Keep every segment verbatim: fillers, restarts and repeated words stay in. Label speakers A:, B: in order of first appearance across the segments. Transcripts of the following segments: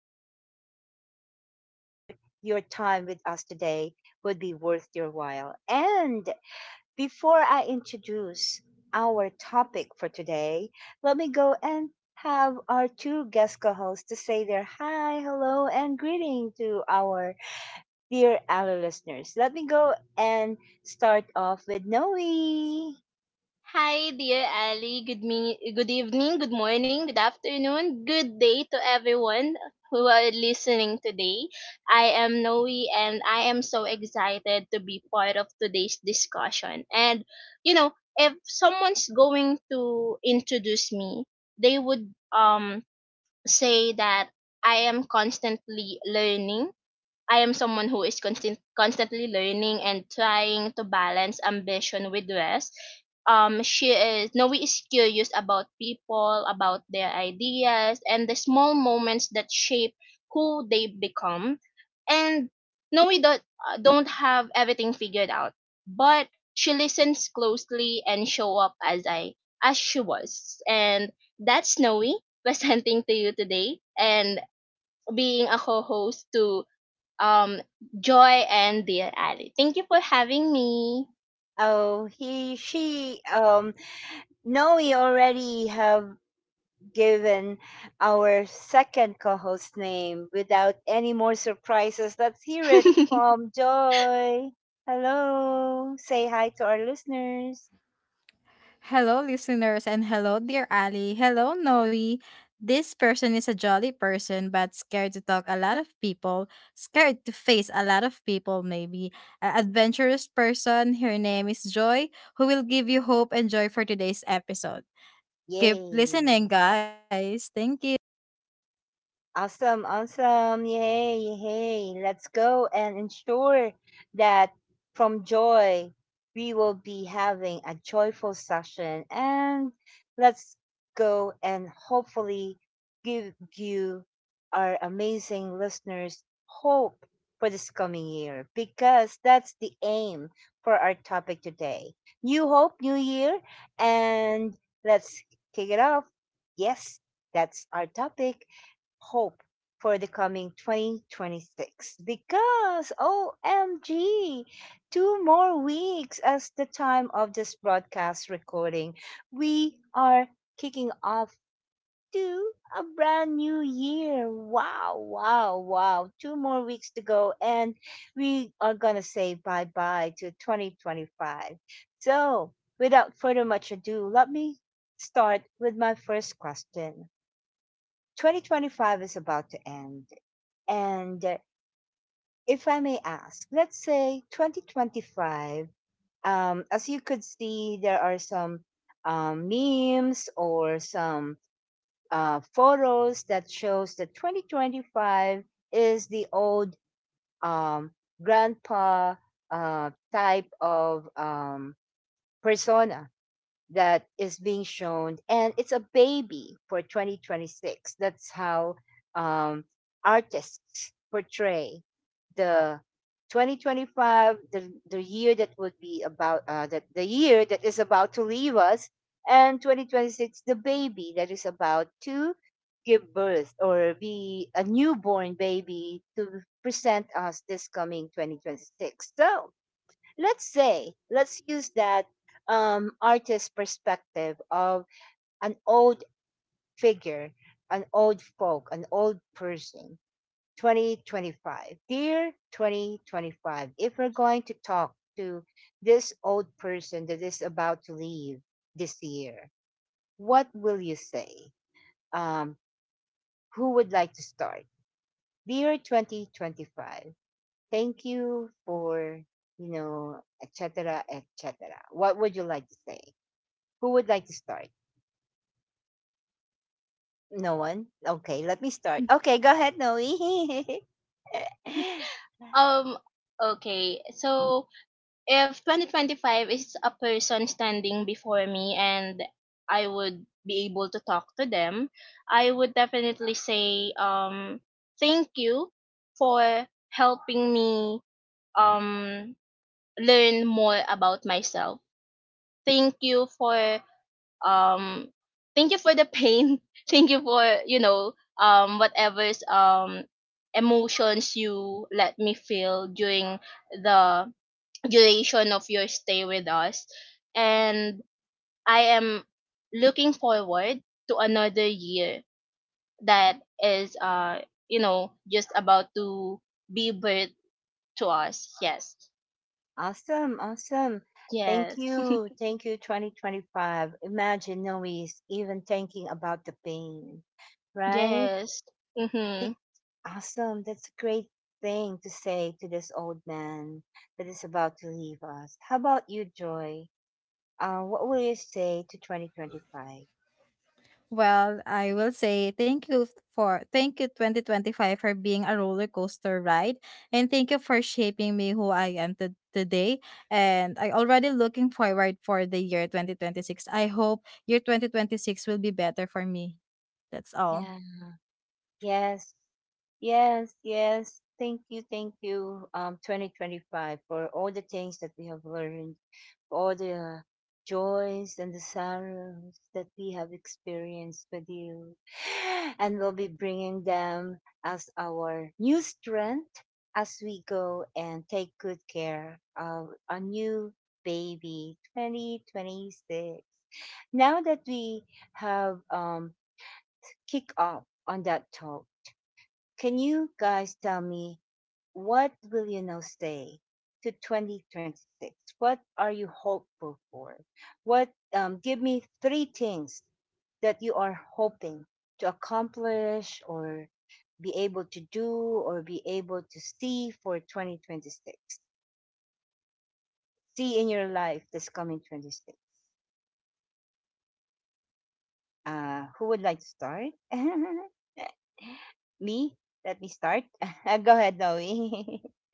A: our very best to ensure your time with us today would be worth your while. And before I introduce our topic for today, let me go and have our two guest co hosts to say their hi, hello, and greeting to our dear Ally listeners. Let me go and start off with Noe.
B: Hi, dear Ali. Good, me- good evening, good morning, good afternoon, good day to everyone who are listening today. I am Noe and I am so excited to be part of today's discussion. And, you know, if someone's going to introduce me, they would um say that I am constantly learning I am someone who is constant, constantly learning and trying to balance ambition with rest. Um, she is Noe is curious about people, about their ideas, and the small moments that shape who they become. And Noe don't uh, don't have everything figured out, but she listens closely and show up as I as she was. And that's Noe presenting to you today and being a co-host to um, Joy and dear Ali. Thank you for having me.
A: Oh, he, she, um, Noe already have given our second co host name. Without any more surprises, let's hear it from Joy. Hello. Say hi to our listeners.
C: Hello, listeners, and hello, dear Ali. Hello, Noe. This person is a jolly person, but scared to talk a lot of people, scared to face a lot of people, maybe. An adventurous person, her name is Joy, who will give you hope and joy for today's episode. Keep listening,
A: Yay.
C: guys. Thank you.
A: Awesome, awesome. Yay, yay. Let's go and ensure that from joy, we will be having a joyful session. And let's go and hopefully give you, our amazing listeners, hope for this coming year because that's the aim for our topic today. New hope, new year. And let's kick it off. Yes, that's our topic hope for the coming twenty twenty-six because O M G, two more weeks as the time of this broadcast recording, we are kicking off to a brand new year. Wow, wow, wow. Two more weeks to go and we are going to say bye-bye to twenty twenty-five. So, without further much ado, let me start with my first question. twenty twenty-five is about to end and uh, if I may ask, let's say twenty twenty-five, um, as you could see, there are some um, memes or some uh, photos that shows that twenty twenty-five is the old um, grandpa uh, type of um, persona that is being shown, and it's a baby for twenty twenty-six. That's how um, artists portray the twenty twenty-five, the, the year that would be about uh, that the year that is about to leave us, and twenty twenty-six, the baby that is about to give birth or be a newborn baby to present us this coming twenty twenty-six. So let's say let's use that um artist perspective of an old figure, an old folk, an old person, twenty twenty-five. Dear twenty twenty-five, if we're going to talk to this old person that is about to leave this year, what will you say? um who would like to start? Dear twenty twenty-five, thank you for you know etc cetera, etc cetera. What would you like to say? Who would like to start? No one? Okay, let me
C: Mm.
A: start. Okay, go ahead, Noe.
B: um, okay, so if twenty twenty-five is a person standing before me and I would be able to talk to them, I would definitely say, um, thank you for helping me, um, learn more about myself. Thank you for um Thank you for the pain. Thank you for you know um whatever's um emotions you let me feel during the duration of your stay with us, and I am looking forward to another year that is, uh you know, just about to be birth to us. Yes.
A: Awesome, awesome. Thank
B: Yes.
A: you. Thank you, twenty twenty-five. Imagine Noe is even thinking about the pain, right?
B: Yes.
A: Be-
B: Mhm.
A: Awesome. That's a great thing to say to this old man that is about to leave us. How about you, Joy? Uh, what will you say to twenty twenty-five?
C: Well, I will say thank you for thank you, twenty twenty-five, for being a roller coaster ride and thank you for shaping me who I am to- today, and I already looking forward for the year twenty twenty-six. I hope year twenty twenty-six will be better for me. That's all.
A: Yes. Yes, yes. Thank you, thank you, um, twenty twenty-five, for all the things that we have learned, all the joys and the sorrows that we have experienced with you. And we'll be bringing them as our new strength as we go and take good care of our new baby, twenty twenty-six. Now that we have um, kicked off on that talk, can you guys tell me what will you now say to twenty twenty-six? What are you hopeful for? What um, give me three things that you are hoping to accomplish or be able to do or be able to see for twenty twenty-six? See in your life this coming twenty-six. Uh, who would like to start? Me? Let me start. Go ahead, Noe.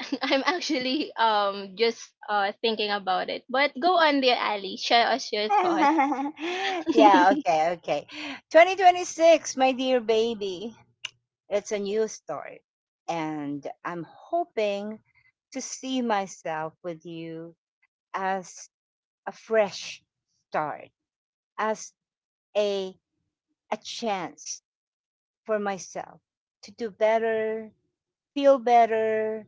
B: I'm actually um just uh thinking about it. But go on dear Ali, share us your thoughts.
A: Yeah, okay, okay. twenty twenty-six, my dear baby, it's a new start. And I'm hoping to see myself with you as a fresh start, as a, a chance for myself to do better, feel better,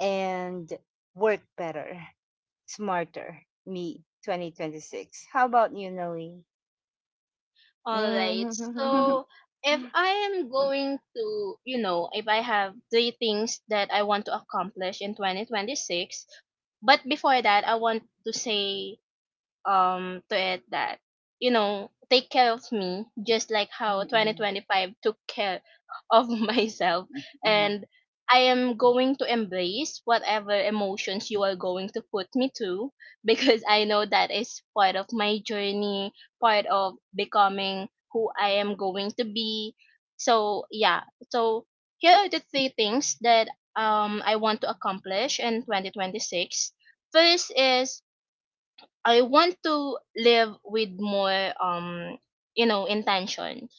A: and work better, smarter. Me, twenty twenty-six. How about you, Noe?
B: All right. So if I am going to, you know, if I have three things that I want to accomplish in twenty twenty-six, but before that, I want to say um to it that, you know, take care of me just like how
A: Mm-hmm.
B: twenty twenty-five took care of myself,
A: Mhm,
B: and I am going to embrace whatever emotions you are going to put me to because I know that is part of my journey, part of becoming who I am going to be. So, yeah. So, here are the three things that um I want to accomplish in twenty twenty-six. First is, I want to live with more, um you know, intention.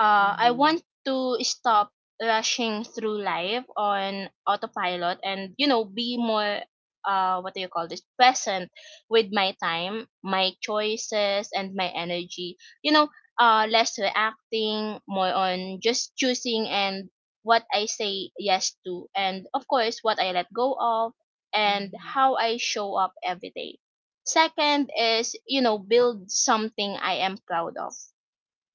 B: Uh, I
A: mhm,
B: want to stop rushing through life on autopilot and, you know, be more, uh, what do you call this, present with my time, my choices, and my energy. You know, uh, less reacting, more on just choosing and what I say yes to, and of course, what I let go of, and
A: mhm.
B: how I show up every day. Second is, you know, build something I am proud of,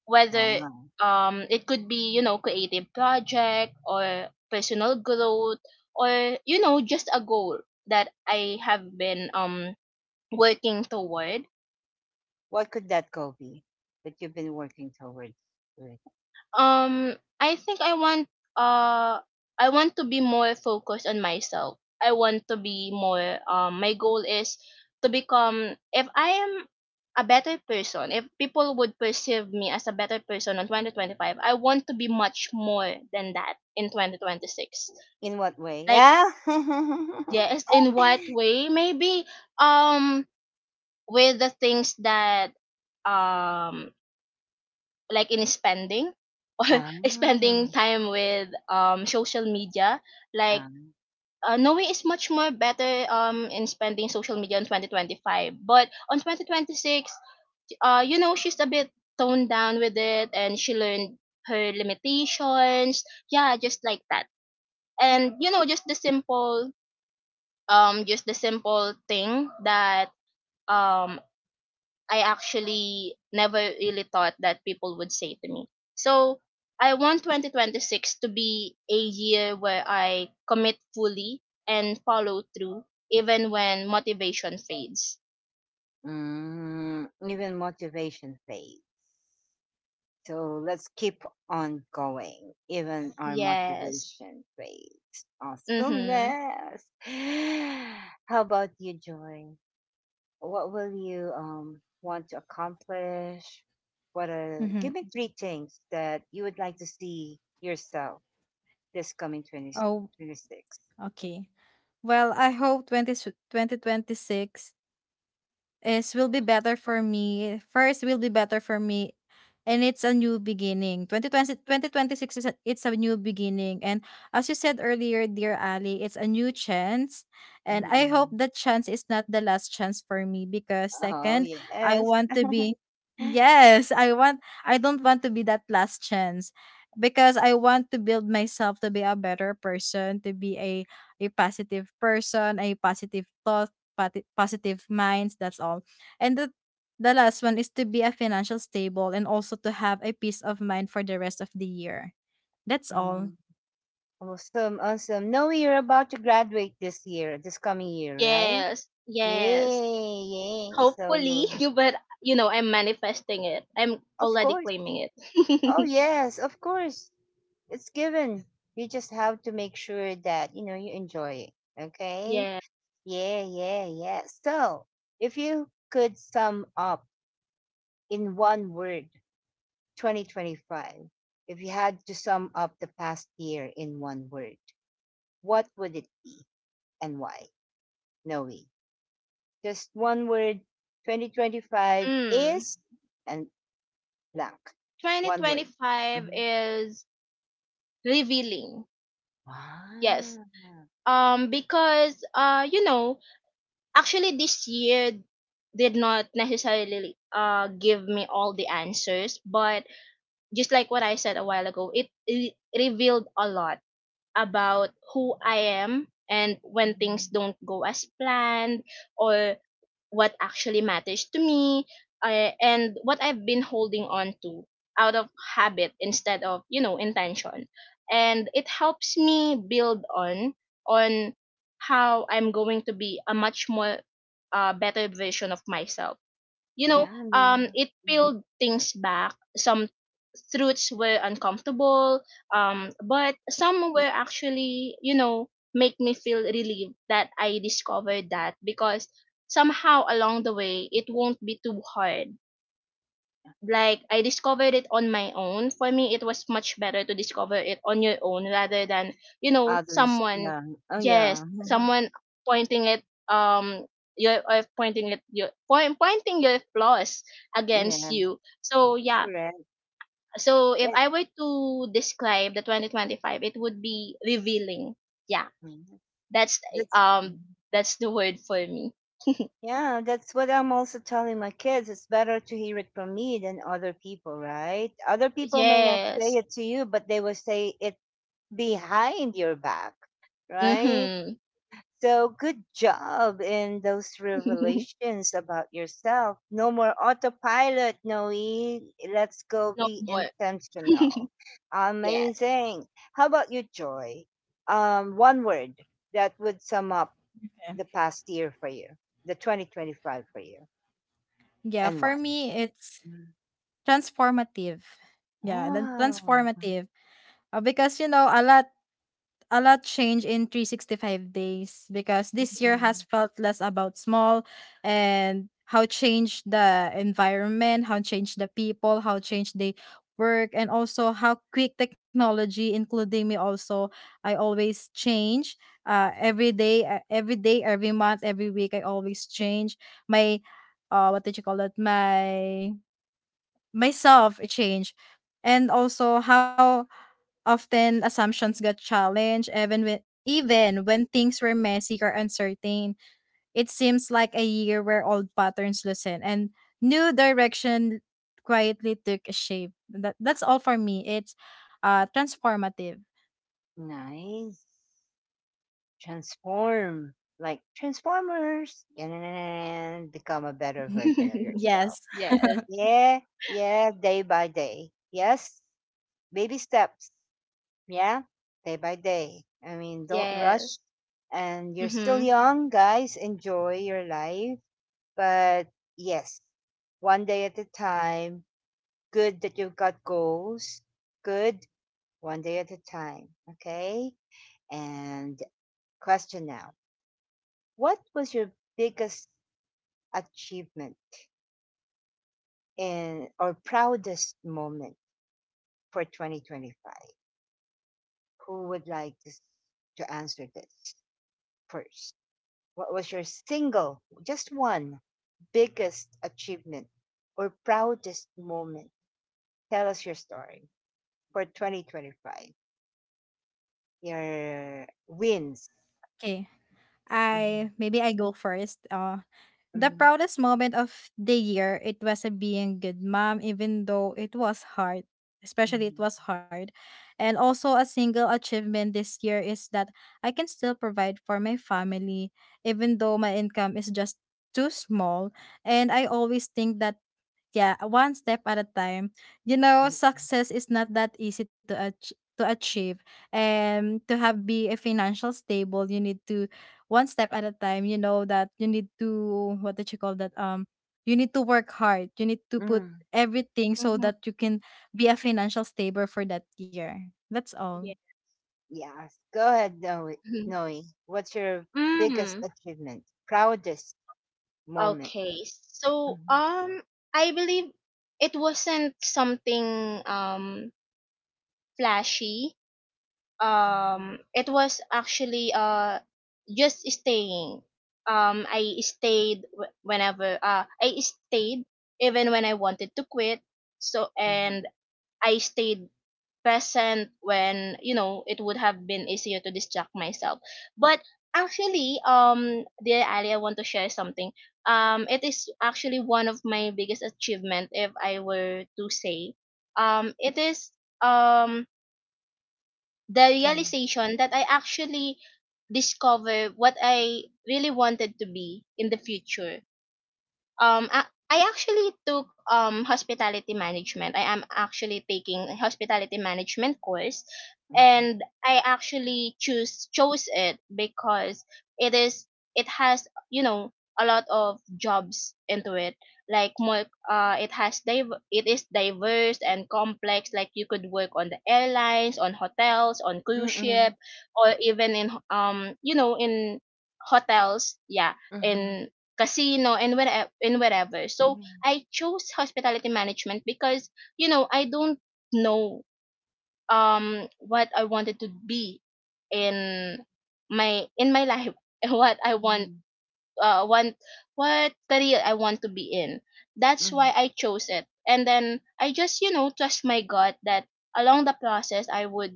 B: whether
A: Wow.
B: um it could be, you know, creative project or personal growth, or, you know, just a goal that I have been um working toward.
A: What could that goal be that you've been working towards with?
B: Um i think i want uh I want to be more focused on myself. I want to be more, um my goal is to become, if I am a better person, if people would perceive me as a better person in twenty twenty-five, I want to be much more than that in twenty twenty-six.
A: In what way?
B: Like,
A: Yeah.
B: yes, in what way maybe, um with the things that, um like in spending or
A: Ah,
B: spending time with, um social media, like
A: um,
B: uh, Norway is much more better um in spending social media in twenty twenty-five, but on twenty twenty-six, uh you know, she's a bit toned down with it and she learned her limitations. Yeah, just like that. And, you know, just the simple, um just the simple thing that um I actually never really thought that people would say to me. So I want twenty twenty-six to be a year where I commit fully and follow through even when motivation fades.
A: mm, even motivation phase. So let's keep on going, even our
B: Yes.
A: motivation phase.
B: Mhm.
A: Awesomeness. How about you, Joy? What will you um, want to accomplish? What are, give
C: Mm-hmm.
A: me three things that you would like to see yourself this coming twenty
C: Oh,
A: twenty six.
C: okay. Well, I hope twenty twenty twenty six is will be better for me. First will be better for me. And it's a new beginning. Twenty twenty twenty twenty six is a, it's a new beginning. And as you said earlier, dear Ali, it's a new chance. And I hope
A: Mm-mm.
C: that chance is not the last chance for me because,
A: Oh,
C: second, I
A: yes.
C: want to be, yes, I want I don't want to be that last chance because I want to build myself to be a better person, to be a a positive person, a positive thought, pati- positive minds. That's all. And the the last one is to be a financial stable and also to have a peace of mind for the rest of the year. That's all.
A: Mm. Awesome, awesome. No, you're about to graduate this year, this coming year, right?
B: Yes. Yes.
A: Yay, yay.
B: Hopefully,
A: So,
B: but you know, I'm manifesting it. I'm
A: of
B: already
A: course.
B: claiming
A: Oh,
B: it.
A: yes, of course. It's given. You just have to make sure that, you know, you enjoy it. Okay?
B: Yeah.
A: Yeah, yeah, yeah. So, if you could sum up in one word twenty twenty-five, if you had to sum up the past year in one word, what would it be and why? Noe. Just one word twenty twenty-five
B: Mm.
A: is and blank. One word.
B: twenty twenty-five
A: Hmm.
B: is revealing. Yes,
A: Wow.
B: um because uh you know, actually this year did not necessarily uh give me all the answers, but just like what I said a while ago, it, it revealed a lot about who I am, and when things
A: Mhm.
B: don't go as planned, or what actually matters to me, uh, and what I've been holding on to out of habit instead of, you know, intention. And it helps me build on on how I'm going to be a much more, uh, better version of myself. You know,
A: Yeah,
B: um,
A: Noah.
B: it
A: Mhm.
B: peeled things back. Some truths were uncomfortable, um, but some were actually, you know, make me feel relieved that I discovered that, because somehow along the way it won't be too hard, like I discovered it on my own. For me, it was much better to discover it on your own rather than, you know,
A: Others,
B: someone,
A: yeah. Oh, yeah.
B: yes, someone pointing it um your or pointing it your point pointing your flaws against
A: Yeah,
B: you. So yeah,
A: correct.
B: so if
A: Yeah.
B: I were to describe the twenty twenty-five, it would be revealing. Yeah,
A: Mhm.
B: that's
A: That's
B: um that's the word for me.
A: Yeah, that's what I'm also telling my kids. It's better to hear it from me than other people, right? Other people may not say
B: Yes.
A: it to you, but they will say it behind your back, right?
B: Mhm.
A: So good job in those revelations about yourself. No more autopilot, Noe. Let's go
B: No
A: be
B: more.
A: intentional.
B: Yes.
A: Amazing. How about you, Joy? Um, one word that would sum up
C: Yeah,
A: the past year for you, the twenty twenty-five for you?
C: yeah,
A: And
C: for
A: why?
C: me it's transformative. Yeah, then
A: Wow.
C: transformative. Uh, because you know a lot a lot change in 365 days, because this year has
A: Mm,
C: felt less about small and how change the environment, how change the people, how change the work, and also how quick technology, including me also, I always change. Uh, every day, uh, every day, every month, every week, I always change my, uh, what did you call it? My myself change, and also how often assumptions got challenged even when even when things were messy or uncertain. It seems like a year where old patterns loosen and new direction quietly took a shape. That that's all for me. It's uh transformative.
A: nice. Transform. Like Transformers. And become a better version of yourself.
C: yes.
B: Yes,
A: Yeah. Yeah. Day by day. Yes. Baby steps. Yeah. Day by day. I mean, don't rush.
B: yes.
A: And you're still
B: Mhm.
A: young, guys. Enjoy your life. But yes, one day at a time. Good that you've got goals. Good, one day at a time. Okay. And question now, what was your biggest achievement in or proudest moment for twenty twenty-five? Who would like to, s- to answer this first? What was your single, just one, biggest achievement or proudest moment? Tell us your story for twenty twenty-five. Your wins.
C: Okay.
A: Mm-hmm,
C: I maybe I go first. Uh, the
A: mm-hmm,
C: proudest moment of the year, it was a being good mom, even though it was hard. Especially it
A: mm-hmm,
C: was hard, and also a single achievement this year is that I can still provide for my family, even though my income is just too small. And I always think that, yeah, one step at a time. You know,
A: mm-hmm,
C: success is not that easy to ach- to achieve. And to have be a financial stable, you need to one step at a time. You know that you need to, what did you call that? Um, you need to work hard. You need to put
A: mm-hmm.
C: everything so
B: Mm-hmm.
C: that you can be a financial stable for that year. That's all.
B: Yeah.
A: Yeah, go ahead, Noe.
B: Mhm.
A: Noe. What's your biggest
B: Mm.
A: achievement, proudest moment?
B: Okay. So,
A: Mhm,
B: um, I believe it wasn't something um flashy.
A: mhm,
B: Um, it was actually uh just staying. Um, I stayed wh- whenever uh I stayed even when I wanted to quit. So,
A: mhm,
B: and I stayed present when, you know, it would have been easier to distract myself, but actually, um dear Ali, I want to share something. Um it is actually one of my biggest achievement, if I were to say, um it is um the realization that I actually discover what I really wanted to be in the future. Um, I, I actually took um hospitality management. I am actually taking a hospitality management course, and I actually choose chose it because it is, it has, you know, a lot of jobs into it. Like, more, uh, it has div- it is diverse and complex. Like, you could work on the airlines, on hotels, on
A: mhm,
B: cruise
A: mhm,
B: ship,
A: mhm,
B: or even in, um you know, in hotels. Yeah,
A: mhm,
B: in casino and wherever and wherever. So
A: mhm,
B: I chose hospitality management because, you know, I don't know, um what I wanted to be in my in my life, and what I want,
A: mhm,
B: uh want what career I want to be in. That's why
A: mhm,
B: I chose it, and then I just, you know, trust my god that along the process I would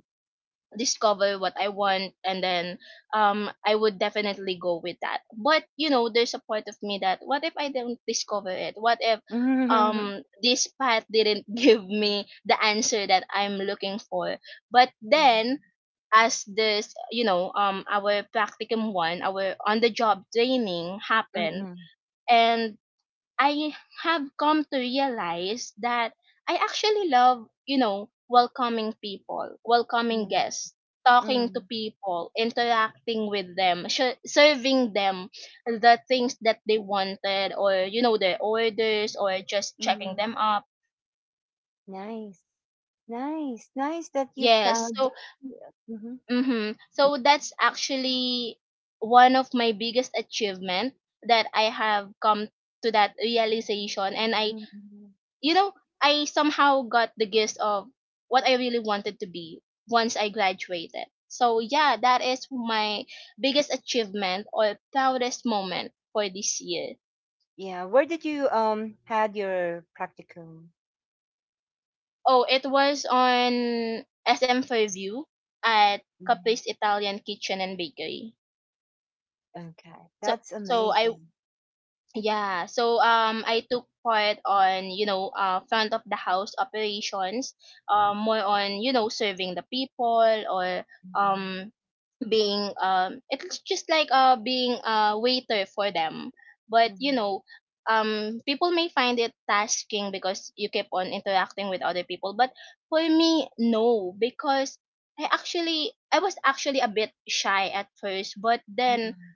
B: discover what I want, and then um I would definitely go with that. But you know, there's a part of me that, what if I don't discover it? What if,
A: mhm, mhm,
B: um this path didn't give me the answer that I'm looking for? But then, as this, you know, um our practicum one, our on the job training happened,
A: mhm,
B: and I have come to realize that I actually love, you know, welcoming people, welcoming
A: mhm,
B: guests, talking to
A: mhm.
B: people, interacting with them, sh- serving them the things that they wanted, or, you know, their orders, or just checking
A: Mhm.
B: them up.
A: Nice, nice, nice that you
B: Yes.
A: found.
B: So,
A: Mhm,
B: mhm. So that's actually one of my biggest achievement, that I have come to that realization, and I,
A: mhm.
B: you know, I somehow got the gist of what I really wanted to be once I graduated. So yeah, that is my biggest achievement or proudest moment for this year.
A: Yeah, where did you um had your practicum?
B: Oh, it was on S M Fairview at
A: Mhm.
B: Capri's Italian Kitchen and Bakery.
A: Okay,
B: So
A: that's
B: so I
A: amazing.
B: yeah, so um I took part on, you know, uh, front of the house operations, um more on, you know, serving the people, or
A: Mhm,
B: um being, um it's just like, uh, being a waiter for them. But, you
A: mhm.
B: know, um people may find it tasking because you keep on interacting with other people, but for me, no, because i actually i was actually a bit shy at first, but then
A: Mm,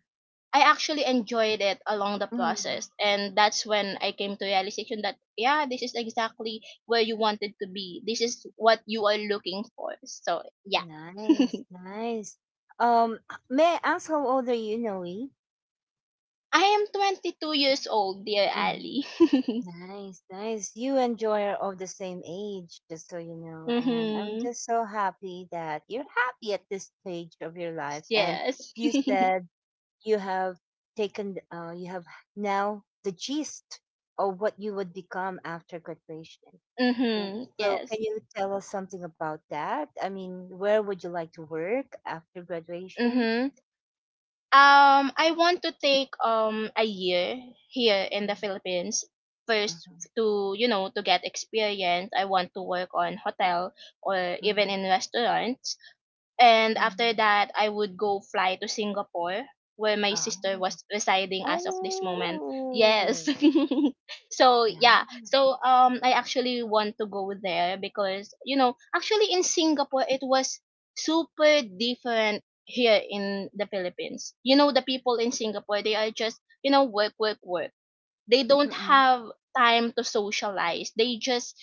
B: I actually enjoyed it along the
A: mm.
B: process, and that's when I came to realization that, yeah, this is exactly where you wanted to be, this is what you are looking for. So yeah.
A: Nice, nice. Um, may I ask how old are you, Noe?
B: I am twenty-two years old, dear
A: Mhm.
B: Ali.
A: Nice, nice. You and Joy are of the same age, just so you know. And I'm
B: Mhm.
A: just so happy that you're happy at this stage of your life. And
B: Yes.
A: you said you have taken, uh, you have now the gist of what you would become after graduation. W-
B: Mhm.
A: So, can
B: Yes.
A: you tell us something about that? I mean, where would you like to work after graduation?
B: Mhm. Um, I want to take um a year here in the
A: Mhm,
B: Philippines first,
A: mhm,
B: to, you know, to get experience. I want to work on hotel or even
A: mhm,
B: in restaurants. And after
A: mhm.
B: that, I would go fly to Singapore, where my sister
A: Oh.
B: was residing as of this moment. Yes.
A: Oh!
B: So, yeah.
A: Yeah.
B: So, um I actually want to go there because, you know, actually in Singapore it was super different here in the Philippines. You know, the people in Singapore, they are just, you know, work work work, they don't
A: Mm-mm.
B: have time to socialize, they just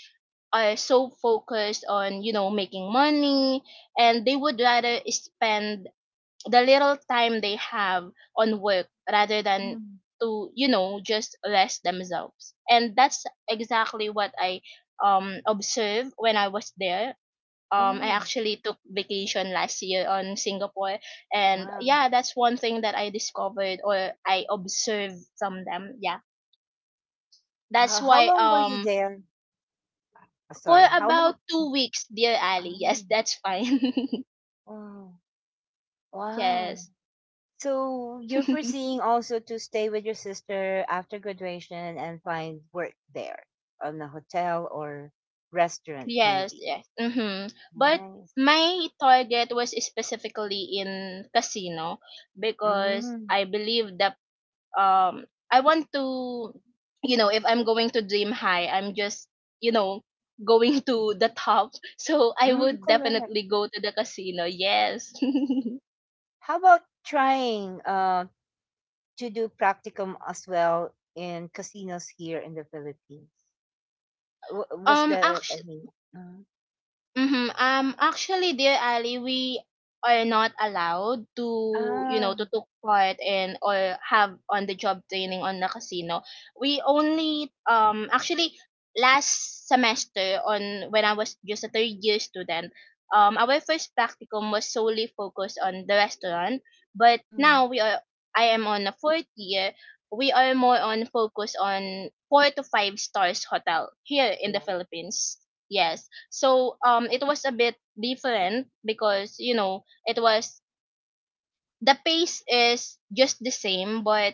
B: are so focused on, you know, making money, and they would rather spend the little time they have on work rather than
A: Mm.
B: to, you know, just rest themselves. And that's exactly what I, um observed when I was there. Um, I
A: Oh,
B: actually took vacation last year on Singapore, and
A: wow.
B: yeah, that's one thing that I discovered or I observed from them. Yeah,
A: How,
B: that's
A: how
B: why,
A: long were you
B: um
A: there? Uh,
B: for
A: sorry, how long?
B: about two weeks, dear Ali. Yes,
A: Oh,
B: that's fine.
A: wow. Wow.
B: Yes.
A: So you're foreseeing also to stay with your sister after graduation and find work there on a hotel or restaurant,
B: Yes,
A: maybe.
B: yes. Mm-hmm. But
A: Nice.
B: my target was specifically in casino because
A: Mm,
B: I believe that um I want to, you know if I'm going to dream high, I'm just, you know going to the top. So I
A: mm,
B: would
A: correct.
B: definitely go to the casino, yes.
A: How about trying uh, to do practicum as well in casinos here in the Philippines. W- was
B: um
A: there
B: Actually.
A: any? Uh,
B: Mhm. Um, actually, Dear Ali, we are not allowed to, you know, to
A: ah,
B: take part in or have on the job training on the casino. We only, um, actually, last semester on when I was just a third year student, um, our first practicum was solely focused on the restaurant. But
A: mm,
B: now we are, I am on a fourth year. We are more on focus on four to five stars hotel here in the
A: yeah,
B: Philippines. Yes, so um it was a bit different because, you know, it was, the pace is just the same, but,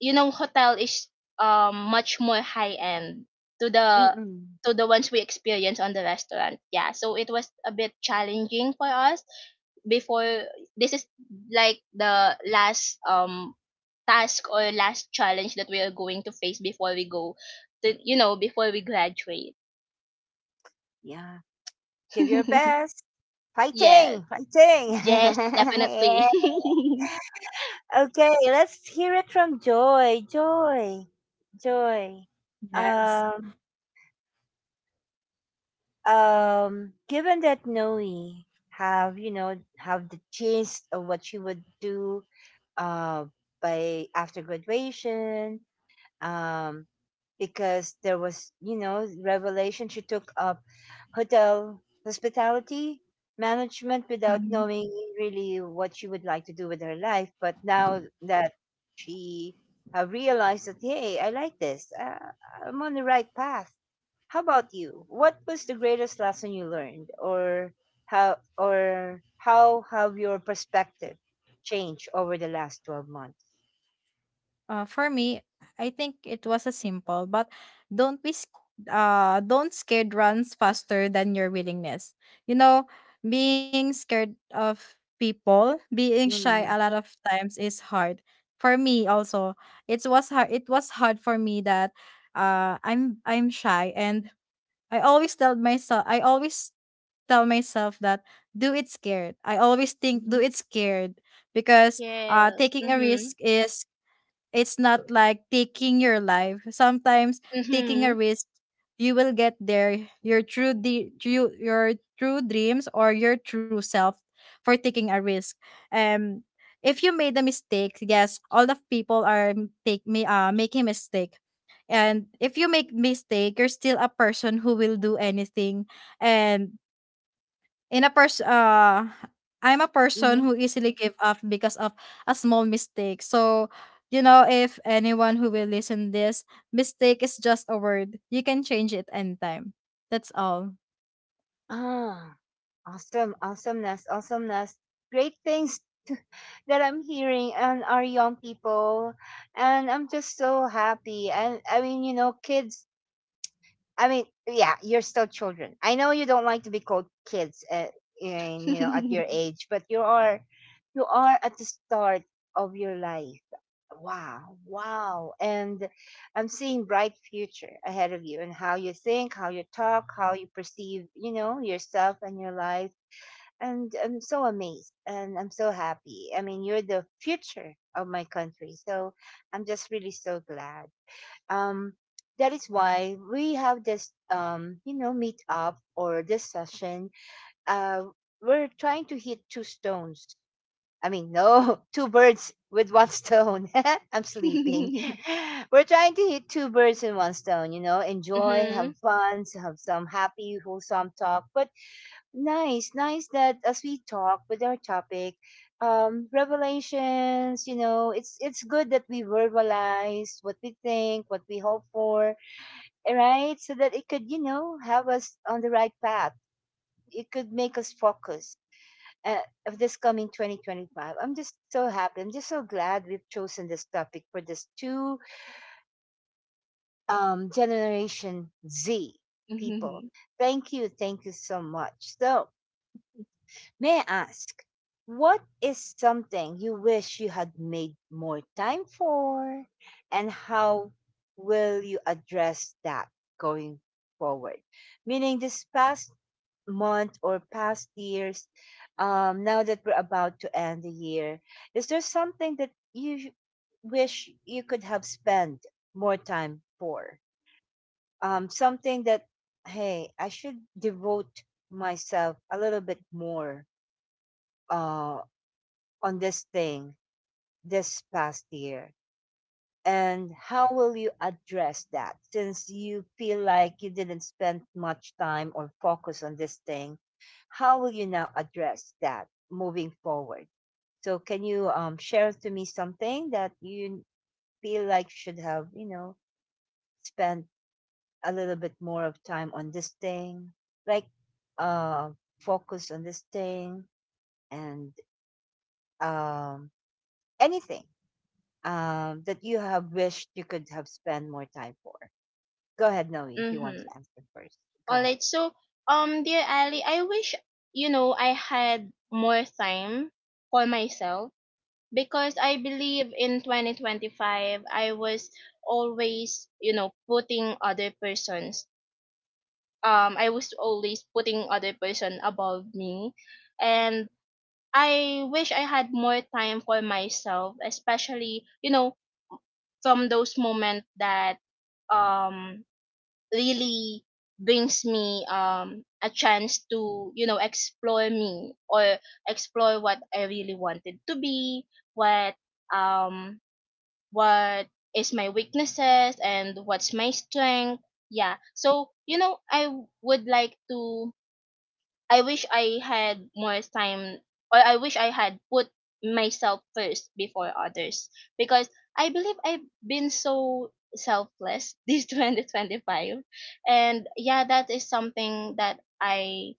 B: you know, hotel is um much more high end to the
A: mm-mm,
B: to the ones we experience on the restaurant. Yeah, so it was a bit challenging for us before. This is like the last um task or last challenge that we are going to face before we go to, you know before we graduate.
A: yeah. Give your best.
B: Yes.
A: Fighting, fighting.
B: Yes,
A: Yeah.
B: definitely.
A: Okay, let's hear it from Joy. Joy, Joy.
C: Yes.
A: Um, um. Given that Noe have you know have the gist of what she would do, uh, by after graduation, um, because there was, you know, revelation. She took up hotel hospitality management without knowing really what she would like to do with her life. But now that she uh, realized that, hey, I like this, uh, I'm on the right path. How about you? What was the greatest lesson you learned, or how, or how have your perspective changed over the last twelve months?
C: Uh, for me, I think it was a simple, but don't be sc- uh don't scared runs faster than your willingness. You know, being scared of people, being shy a
A: Mm-hmm.
C: lot of times is hard. For me also, it was hard it was hard for me that uh I'm I'm shy, and I always tell myself I always tell myself that do it scared. I always think do it scared, because uh
B: yes.
C: taking a
B: Mhm.
C: risk is it's not like taking your life. Sometimes taking a
B: Mhm.
C: risk, you will get there. Your true, de- true your true dreams or your true self for taking a risk. Um, if you made a mistake, yes, all the people are take me uh making mistake. And if you make mistake, you're still a person who will do anything, and in a person uh I'm a person who easily give up because of a small mistake. So, you know, if anyone who will listen this, mistake is just a word. You can change it anytime. That's all.
A: Mm-hmm. Awesome, awesomeness, awesomeness. Great things to, that I'm hearing and our young people. And I'm just so happy. And I mean, you know, kids, I mean, yeah, you're still children. I know you don't like to be called kids at, in, you know, at your age, but you are you are at the start of your life. Wow, wow. And I'm seeing bright future ahead of you and how you think, how you talk, how you perceive, you know, yourself and your life, and I'm so amazed and I'm so happy. I mean, you're the future of my country. So I'm just really so glad. Um, that is why we have this, um, you know, meet up or this session. Uh, we're trying to hit two stones. I mean, no, two birds with one stone. I'm sleeping. We're trying to hit two birds in one stone, you know, enjoy,
B: mhm.
A: have
B: Mhm.
A: fun, have some happy, wholesome talk, but nice, nice that as we talk with our topic, um, revelations, you know, it's it's good that we verbalize what we think, what we hope for, eh, right? So that it could, you know, have us on the right path. It could make us focus uh, of this coming twenty twenty-five. I'm just so happy. I'm just so glad we've chosen this topic for this two um, generation Z people. Thank you, thank you so much. So may I ask, what is something you wish you had made more time for? And how will you address that going forward? Meaning, this past month or past years, um, now that we're about to end the year, is there something that you wish you could have spent more time for? Um, something that, hey, I should devote myself a little bit more uh, on this thing this past year? And how will you address that since you feel like you didn't spend much time or focus on this thing? How will you now address that moving forward? So, can you um, share to me something that you feel like should have, you know, spent a little bit more of time on this thing, like uh, focus on this thing and um, anything? um, that you have wished you could have spent more time for? Go ahead, Noe, if you want to
B: Mhm.
A: answer first. Go
B: All
A: ahead.
B: right. So, um, dear Ali, I wish you know I had more time for myself because I believe in twenty twenty-five I was always you know putting other persons um I was always putting other person above me and I wish I had more time for myself, especially, you know, from those moments that um really brings me um a chance to, you know, explore me or explore what I really wanted to be, what um what is my weaknesses and what's my strength. Yeah. So, you know, I would like to I wish I had more time or I wish I had put myself first before others because I believe I've been so selfless this twenty twenty-five and yeah that is something that I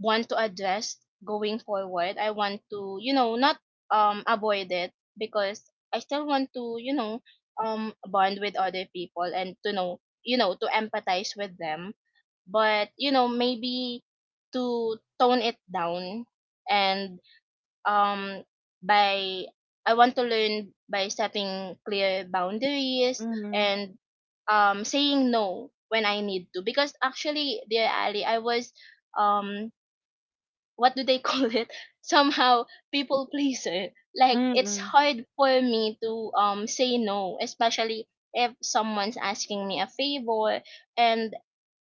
B: want to address going forward I want to you know not um avoid it because I still want to you know um bond with other people and to know you know to empathize with them but you know maybe to tone it down and um by I want to learn by setting clear boundaries
A: Mm-hmm.
B: and um saying no when I need to because actually dear Ali I was um what do they call it somehow people pleaser like it's
A: Mm-hmm.
B: hard for me to um say no especially if someone's asking me a favor and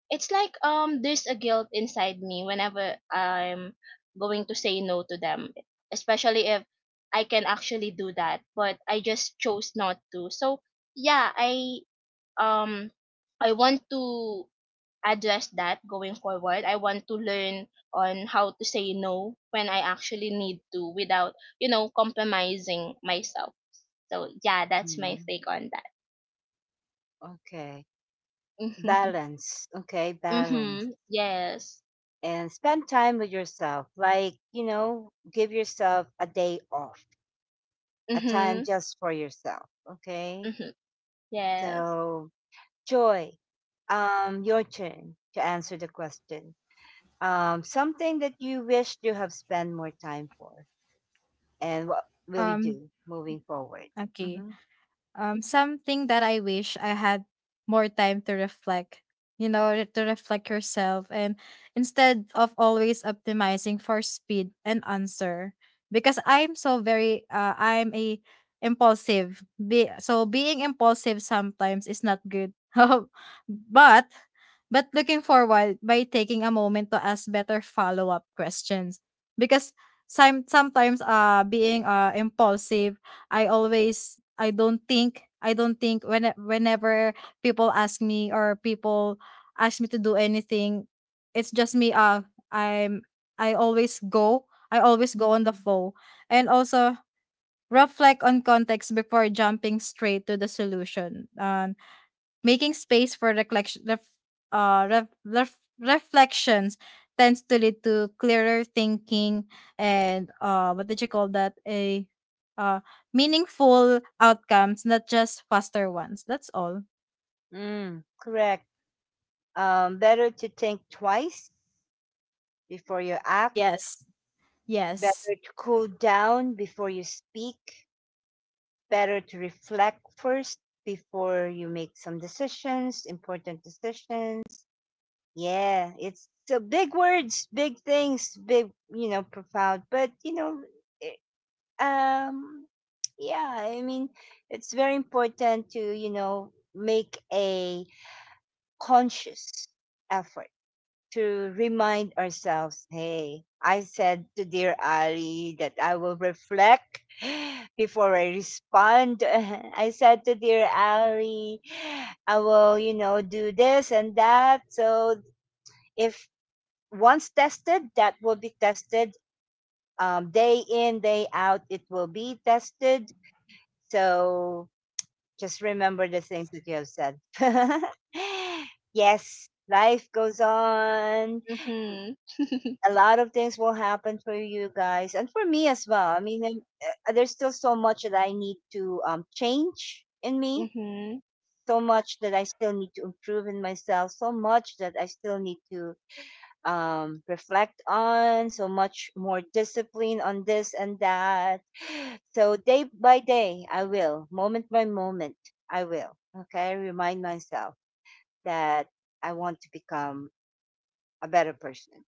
B: it's like um there's a guilt inside me whenever I'm going to say no to them, especially if I can actually do that, but I just chose not to. So yeah, I um I want to address that going forward. I want to learn on how to say no when I actually need to without, you know, compromising myself. So yeah, that's my
A: Mm,
B: take on that.
A: okay.
B: Mhm.
A: Balance. Okay, balance.
B: Mhm. Yes.
A: And spend time with yourself. Like, you know, give yourself a day off, a time
B: Mhm.
A: just for yourself. Okay?
B: Mhm. Yes.
A: So, joy. Um, your turn to answer the question. Um, something that you wished you have spent more time for. And what will you
C: Um
A: do moving forward?
C: okay.
A: hmm
C: Um, something that I wish I had more time to reflect, you know, re- to reflect yourself, and instead of always optimizing for speed and answer. Because I'm so very uh, I'm a impulsive. Be so being impulsive sometimes is not good. but but looking forward by taking a moment to ask better follow-up questions, because some, sometimes uh being uh impulsive, I always I don't think I don't think when whenever people ask me or people ask me to do anything, it's just me. Uh, I'm I always go. I always go on the
A: Mhm.
C: flow, and also reflect on context before jumping straight to the solution. Um, Making space for reflection, ref, uh, ref, ref, reflections tends to lead to clearer thinking and, uh, what did you call that? A uh, Meaningful outcomes, not just faster ones. That's all.
A: Mm, correct. Um, better to think twice before you act,
C: Yes. Yes.
A: better to cool down before you speak, better to reflect first before you make some decisions, important decisions. Yeah, it's the big words, big things, big, you know, profound, but you know, um yeah, I mean it's very important to, you know, make a conscious effort to remind ourselves, hey, I said to dear Ali that I will reflect before I respond. I said to dear Ali I will, you know, do this and that. So if once tested, that will be tested, um, day in day out it will be tested. So just remember the things that you have said. Yes, life goes on.
B: Mhm.
A: A lot of things will happen for you guys and for me as well. I mean, I'm- uh, there's still so much that I need to um, change in me,
B: Mhm.
A: so much that I still need to improve in myself, so much that I still need to um, reflect on, so much more discipline on this and that. So day by day, I will, moment by moment, I will. Okay, remind myself that I want to become a better person.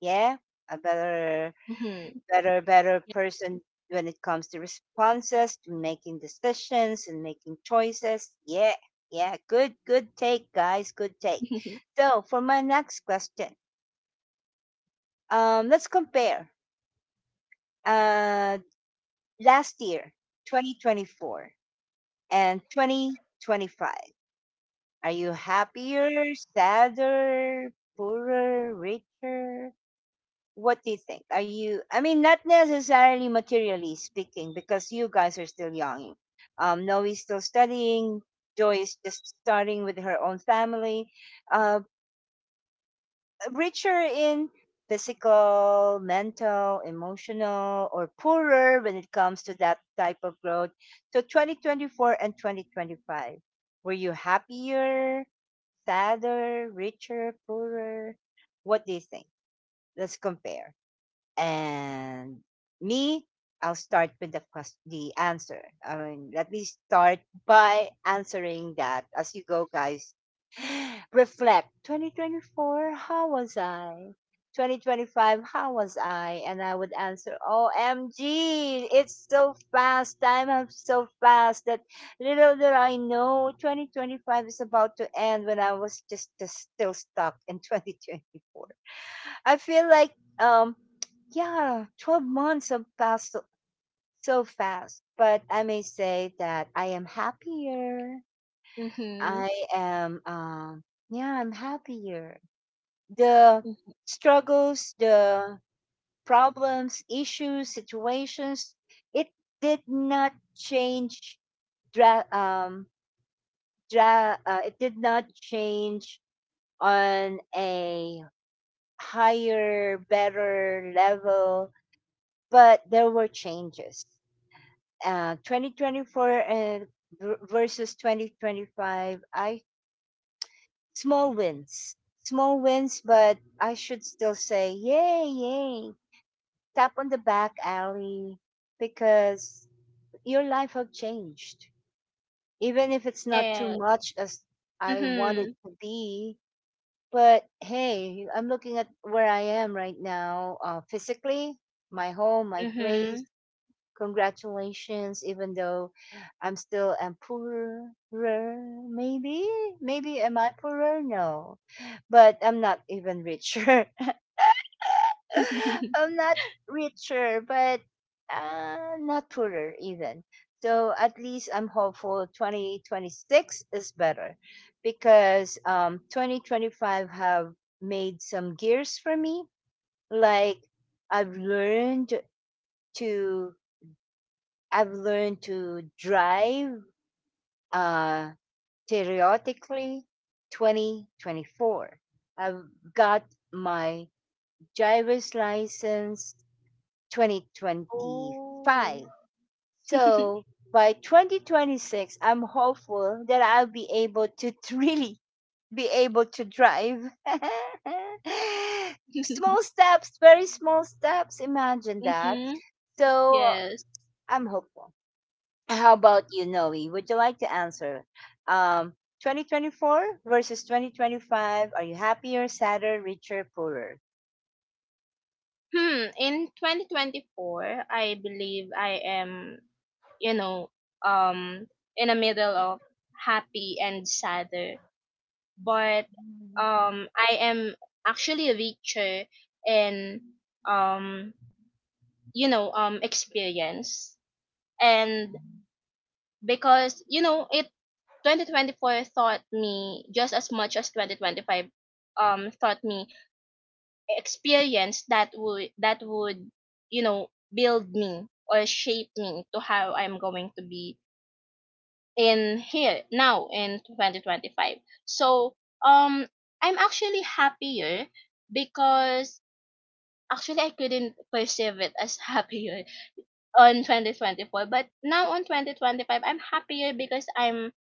A: Yeah, a better,
B: Mhm.
A: better, better person when it comes to responses, to making decisions and making choices. Yeah, yeah, good, good take, guys, good take.
B: Mhm. Mhm.
A: So for my next question, um, let's compare Uh, last year, twenty twenty-four and twenty twenty-five. Are you happier, sadder, poorer, richer? What do you think? Are you, I mean, not necessarily materially speaking, because you guys are still young. Um, Noe's still studying. Joy is just starting with her own family. Uh, richer in physical, mental, emotional, or poorer when it comes to that type of growth. So twenty twenty-four and twenty twenty-five, were you happier, sadder, richer, poorer? What do you think? Let's compare. And me, I'll start with the quest- the answer. I mean, let me start by answering that as you go, guys. Reflect. twenty twenty-four, how was I? twenty twenty-five, how was I? And I would answer, O M G, it's so fast. Time is so fast that little did I know twenty twenty-five is about to end when I was just, just still stuck in twenty twenty-four. I feel like um yeah, twelve months have passed so so fast, but I may say that I am happier. I am um yeah, I'm happier. The struggles, the problems, issues, situations, it did not change dra- um dra- uh, it did not change on a higher, better level, but there were changes. Uh, two thousand twenty-four and ver- versus twenty twenty-five, I small wins, small wins, but I should still say, yay, yay, tap on the back, alley, because your life have changed, even if it's not too
B: Yes.
A: much as I want it
B: Mhm.
A: to be. But hey, I'm looking at where I am right now, uh, physically, my home, my place.
B: Mhm.
A: Congratulations, even though I'm still am poorer, maybe, maybe am I poorer? No, but I'm not even richer. I'm not richer, but uh, not poorer even. So at least I'm hopeful twenty twenty-six is better because um, twenty twenty-five have made some gears for me. Like I've learned to I've learned to drive uh, theoretically twenty twenty-four. I've got my driver's license
B: Oh.
A: twenty twenty-five. So by twenty twenty-six, I'm hopeful that I'll be able to really be able to drive. Small steps, very small steps. Imagine that.
B: Mhm.
A: So
B: Yes.
A: I'm hopeful. How about you, Noe? Would you like to answer? Um, twenty twenty-four versus twenty twenty-five. Are you happier, sadder, richer, poorer?
B: Hmm. In twenty twenty-four, I believe I am, you know, um, in the middle of happy and sadder, but um, I am actually richer in um, you know, um, experience. And because, you know, it, twenty twenty-four taught me just as much as twenty twenty-five um taught me, experience that would that would, you know, build me or shape me to how I'm going to be in here now in twenty twenty-five. So um I'm actually happier because actually I couldn't perceive it as happier on twenty twenty-four, but now on twenty twenty-five I'm happier because I'm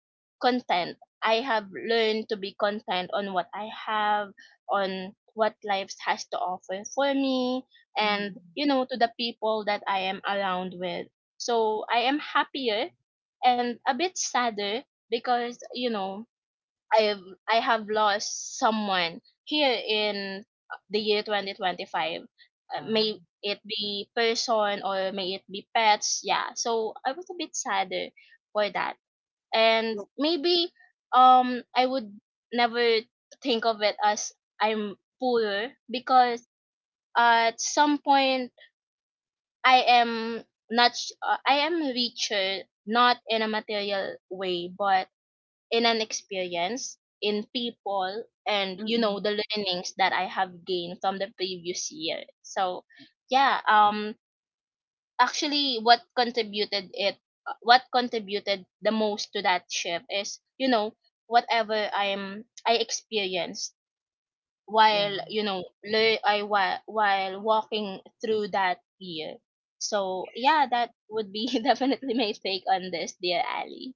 B: content. I have learned to be content on what I have, on what life has to offer for me,
A: Mm-mm.
B: and, you know, to the people that I am around with. So I am happier and a bit sadder because, you know, I've, I have lost someone here in the year twenty twenty-five. Uh, may
A: Uh,
B: it be person or may it be pets. Yeah. So I was a bit sadder for that.
A: yeah.
B: And maybe um I would never think of it as I'm poorer because at some point I am not sh- uh, I am richer, not in a material way but in an experience, in people, and, you know,
A: Mm-mm.
B: the learnings that I have gained from the previous year. So, yeah, um, actually, what contributed it, what contributed the most to that shift is, you know, whatever I'm I experienced
A: Yeah.
B: while, you know, lear- I while while walking through that year. So yeah, that would be definitely my take on this, dear Ali.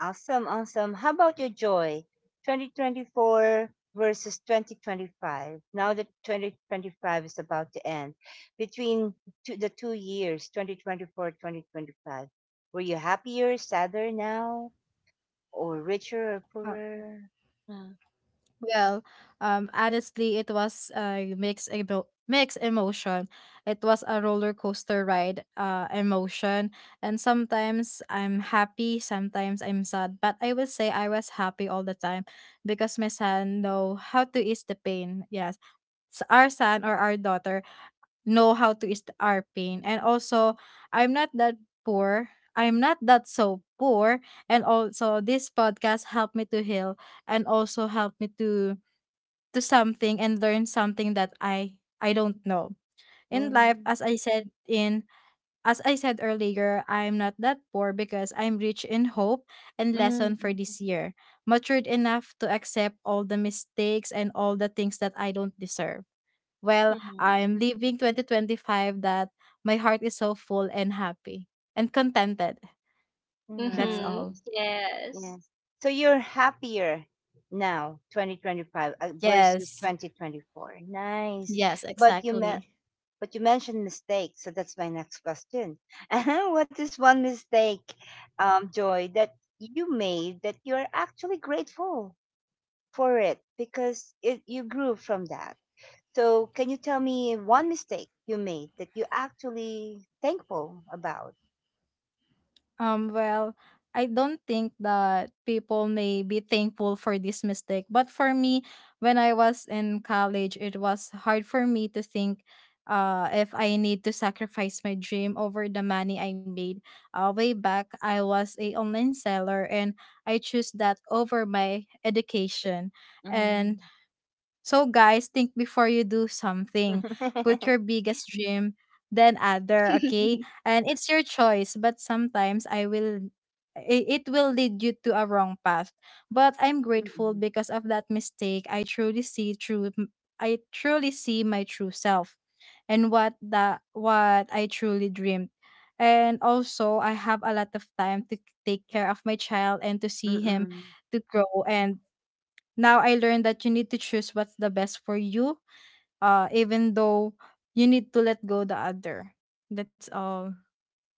A: Awesome, awesome. How about your joy? two thousand twenty-four versus twenty twenty-five. Now that twenty twenty-five is about to end, between two, the two years, twenty twenty-four, twenty twenty-five, were you happier, sadder now, or richer or poorer? Uh,
C: Well, um, honestly, it was a mixed emo- mixed emotion. It was a roller coaster ride, uh, emotion, and sometimes I'm happy, sometimes I'm sad. But I will say I was happy all the time because my son know how to ease the pain. Yes, S- our son or our daughter know how to ease our pain, and also I'm not that poor. I'm not that so poor, and also this podcast helped me to heal and also helped me to to something and learn something that I I don't know.
A: Yeah.
C: In life, as I said in as I said earlier, I'm not that poor because I'm rich in hope and lesson for
A: Mhm,
C: this year. Matured enough to accept all the mistakes and all the things that I don't deserve. Well,
A: mhm.
C: I'm leaving twenty twenty-five that my heart is so full and happy and contented. That's
B: Mm-hmm.
C: all.
A: Nice,
B: Yes.
A: yes. So you're happier now, twenty twenty-five uh, versus
C: Yes.
A: twenty twenty-four. Nice.
C: Yes,
A: But you men
C: exactly.
A: but you mentioned mistakes, so that's my next question. What is one mistake, um, Joy, that you made that you're actually grateful for it because it, you grew from that? So can you tell me one mistake you made that you actually thankful about?
C: Um, well, I don't think that people may be thankful for this mistake. But for me, when I was in college, it was hard for me to think, uh, if I need to sacrifice my dream over the money I made. Uh, way back, I was a online seller and I chose that over my education. And
A: Mm.
C: so guys, think before you do something. Put your biggest dream, then other, okay? And it's your choice, but sometimes I will i- it will lead you to a wrong path. But I'm grateful
A: Mm,
C: because of that mistake. I truly see true I truly see my true self and what the what I truly dreamed. And also, I have a lot of time to take care of my child and to see him
A: mm.
C: to grow, and now I learned that you need to choose what's the best for you, uh, even though you need to let go the other. That's all.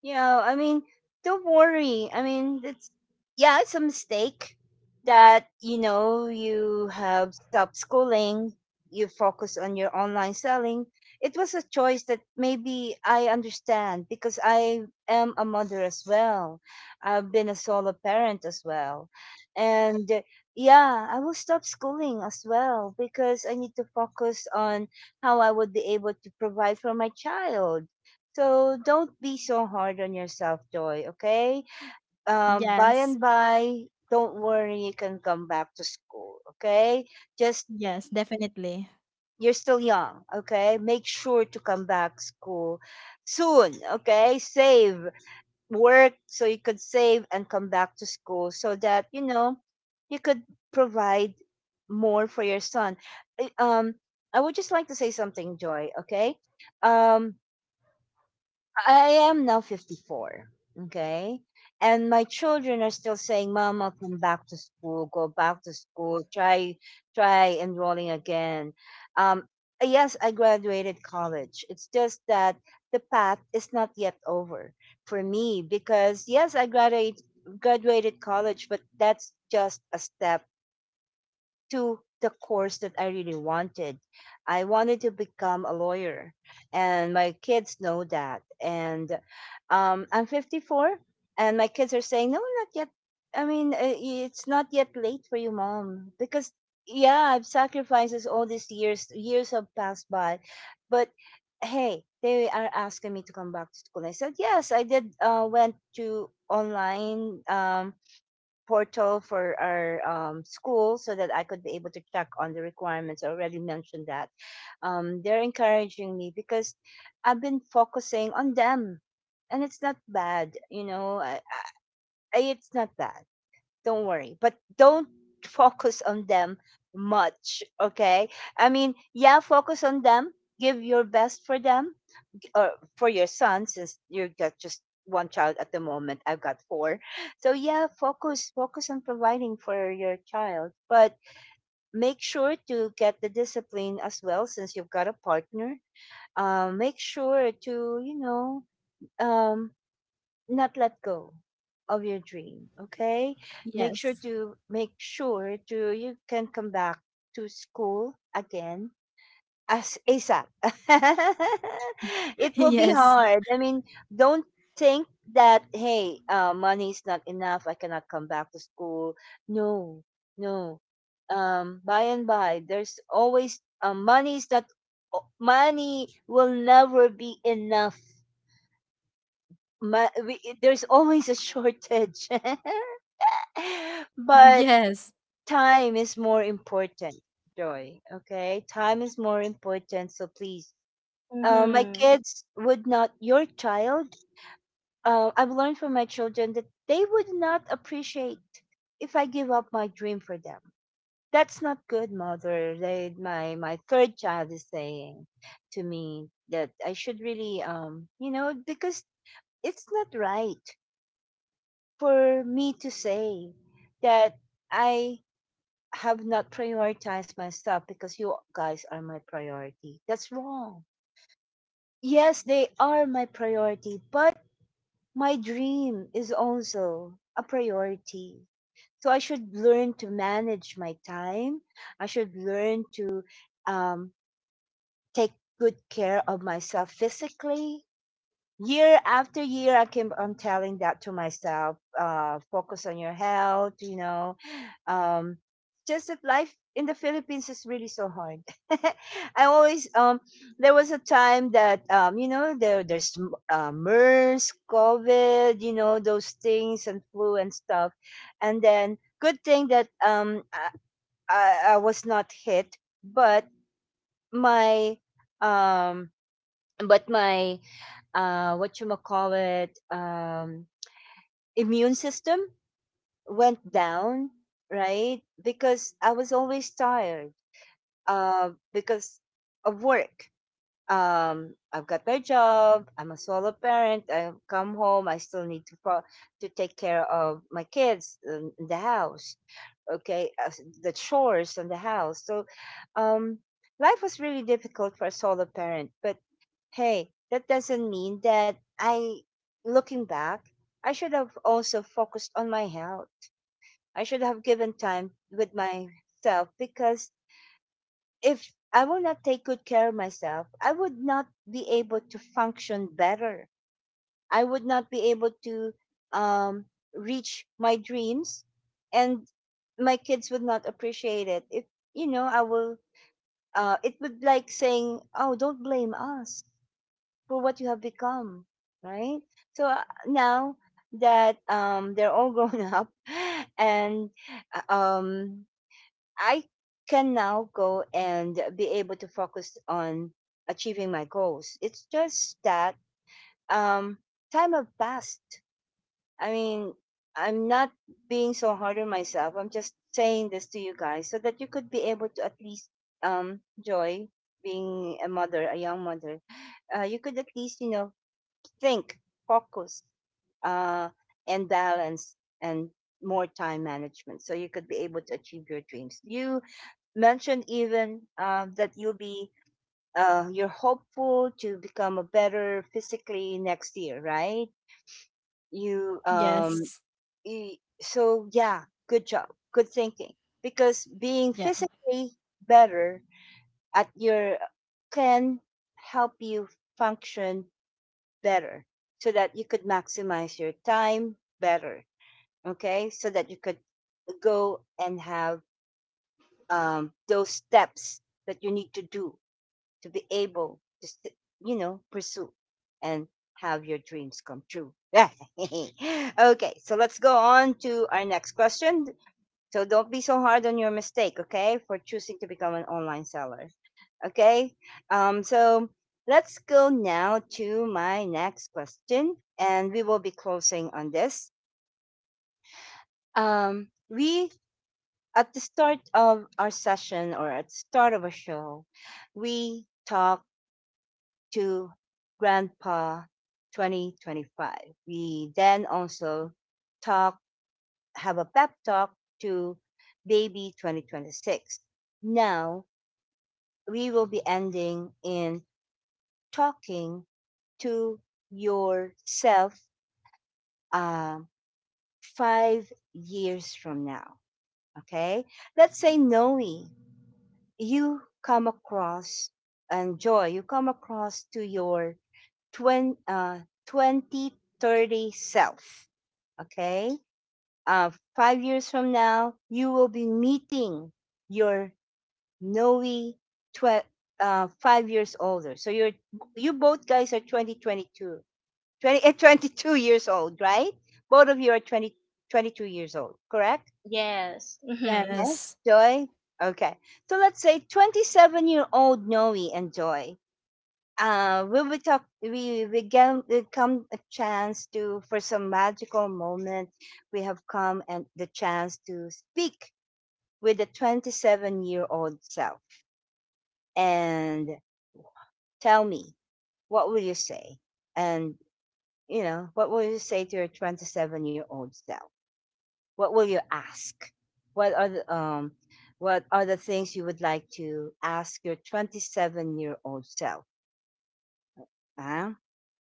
A: Yeah, I mean, don't worry. I mean, it's yeah, it's a mistake that you know you have stopped schooling, you focus on your online selling. It was a choice that maybe I understand because I am a mother as well. I've been a solo parent as well. And uh, yeah, I will stop schooling as well because I need to focus on how I would be able to provide for my child. So don't be so hard on yourself, Joy, okay? Um, by
C: Yes.
A: and by, don't worry, you can come back to school, okay? Just,
C: Yes, definitely.
A: you're still young, okay? Make sure to come back school soon, okay? Save, work so you could save and come back to school so that, you know, you could provide more for your son. I- Um, I would just like to say something, Joy, okay? Um, I am now fifty-four. Okay. And my children are still saying, Mama, come back to school, go back to school, try, try enrolling again. Um, yes, I graduated college. It's just that the path is not yet over for me because, yes, I graduated, graduated college, but that's just a step to the course that I really wanted. I wanted to become a lawyer, and my kids know that. And um, I'm fifty-four, and my kids are saying, "No, not yet. I mean, uh, it's not yet late for you, mom, because." Yeah, I've sacrifices all these years. Years have passed by, but hey, they are asking me to come back to school. I said yes. I did. Uh, went to online um, portal for our um, school so that I could be able to check on the requirements. I already mentioned that. Um, they're encouraging me because I've been focusing on them and it's not bad, you know, I, I, it's not bad. Don't worry, but don't focus on them much, okay? I mean, yeah, focus on them, give your best for them, uh, for your son since you got just one child at the moment. I've got four. So yeah, focus focus on providing for your child, but make sure to get the discipline as well since you've got a partner. um, make sure to, you know, um, not let go of your dream, okay? make sure
C: Yes.
A: to make sure to you can come back to school again as ASAP. It will be
C: yes.
A: hard. I mean, don't think that, hey, uh, money is not enough. I cannot come back to school. No, no. Um, by and by, there's always uh, money is not o- money will never be enough. Ma- we, there's always a shortage, but
C: Yes.
A: time is more important. Joy, okay? Time is more important, so please uh, my
B: Mm-hmm.
A: kids would not your child uh, I've learned from my children that they would not appreciate if I give up my dream for them. That's not good mother. They my my third child is saying to me that I should really, um, you know, because it's not right for me to say that I have not prioritized myself because you guys are my priority. That's wrong. Yes, they are my priority, but my dream is also a priority. So I should learn to manage my time. I should learn to um, take good care of myself physically. Year after year, I keep on telling that to myself, uh focus on your health. you know um just that life in the Philippines is really so hard. I always, um there was a time that um you know there there's uh, MERS, COVID, you know those things, and flu and stuff. And then, good thing that um i i, I was not hit. But my, um but my uh what you call it um immune system went down, right? Because I was always tired, uh because of work. um I've got my job, I'm a solo parent, I come home, I still need to fo- to take care of my kids in in the house. Okay. Uh, the chores in the house. So um life was really difficult for a solo parent. But hey, that doesn't mean that I, looking back, I should have also focused on my health. I should have given time with myself, because if I will not take good care of myself, I would not be able to function better. I would not be able to um, reach my dreams, and my kids would not appreciate it. If you know, I will. Uh, it would like saying, "Oh, don't blame us for what you have become, right?" So, uh, now that um, they're all grown up, and uh, um, I can now go and be able to focus on achieving my goals. It's just that um, time have passed. I mean, I'm not being so hard on myself. I'm just saying this to you guys so that you could be able to at least um, enjoy being a mother, a young mother. Uh, you could at least, you know, think, focus, uh, and balance, and more time management, so you could be able to achieve your dreams. You mentioned even um, that you'll be, uh, you're hopeful to become a better physically next year, right? You, um,
C: Yes.
A: y- so, yeah, good job, good thinking. Because being
C: Yeah.
A: physically better at your can help you function better, so that you could maximize your time better. Okay. So that you could go and have um, those steps that you need to do to be able to, s- you know, pursue and have your dreams come true. Okay, so let's go on to our next question. So don't be so hard on your mistake, okay, for choosing to become an online seller. Okay. Um, so let's go now to my next question, and we will be closing on this. Um, we, at the start of our session or at the start of a show, we talked to Grandpa twenty twenty-five. We then also talk, have a pep talk to Baby twenty twenty-six. Now, we will be ending in talking to yourself um, five years from now. Okay. Let's say, Noe, you come across, and Joy, you come across to your twenty, uh, twenty thirty self. Okay. Uh, Five years from now, you will be meeting your Noe, tw- uh, five years older. So you're you both guys are twenty twenty-two twenty, eh, twenty-two years old, right? Both of you are twenty, twenty-two years old, correct?
B: Yes. Mm-hmm.
A: Yes.
C: Yes.
A: Joy? Okay. So let's say twenty-seven year old Noe and Joy. Uh, will we talk? We we get we come a chance to for some magical moment. We have come and the chance to speak with the twenty-seven year old self, and tell me, what will you say, and you know what will you say to your twenty-seven year old self? What will you ask? What are the, um, what are the things you would like to ask your twenty-seven year old self? Huh?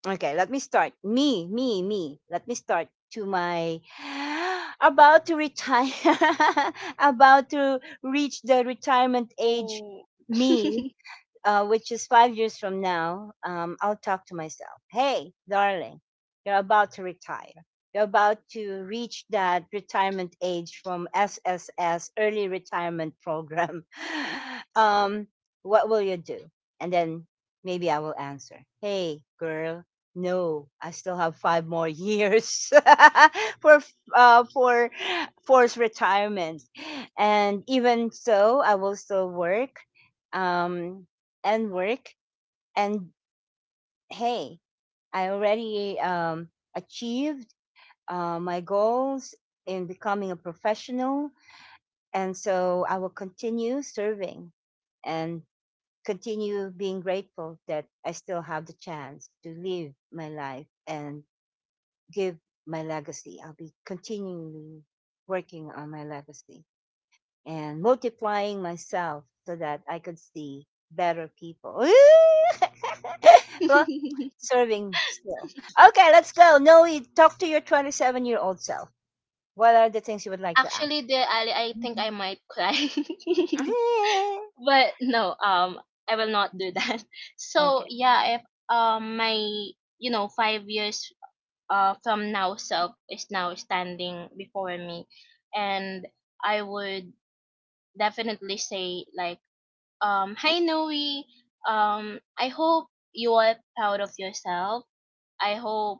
A: Okay, let me start. Me, me, me. Let me start to my about to retire, about to reach the retirement age.
B: Oh.
A: Me, uh, which is five years from now, um, I'll talk to myself. Hey, darling, you're about to retire. You're about to reach that retirement age from S S S, early retirement program. um, what will you do? And then maybe I will answer, "Hey, girl, no, I still have five more years for uh, for forced retirement. And even so, I will still work, um, and work, and, hey, I already um, achieved, uh, my goals in becoming a professional. And so I will continue serving and continue being grateful that I still have the chance to live my life and give my legacy. I'll be continually working on my legacy and multiplying myself so that I could see better people." Well, serving still. Okay, let's go. Noe, talk to your twenty-seven year old self. What are the things you would like to ask?
B: Actually, dear Ali, I think I
A: Mhm.
B: might cry. But no, um, I will not do that. So
A: Okay.
B: yeah, if um my, you know, five years uh from now self is now standing before me, and I would definitely say like, Um, hi Noe. Um, I hope you are proud of yourself. I hope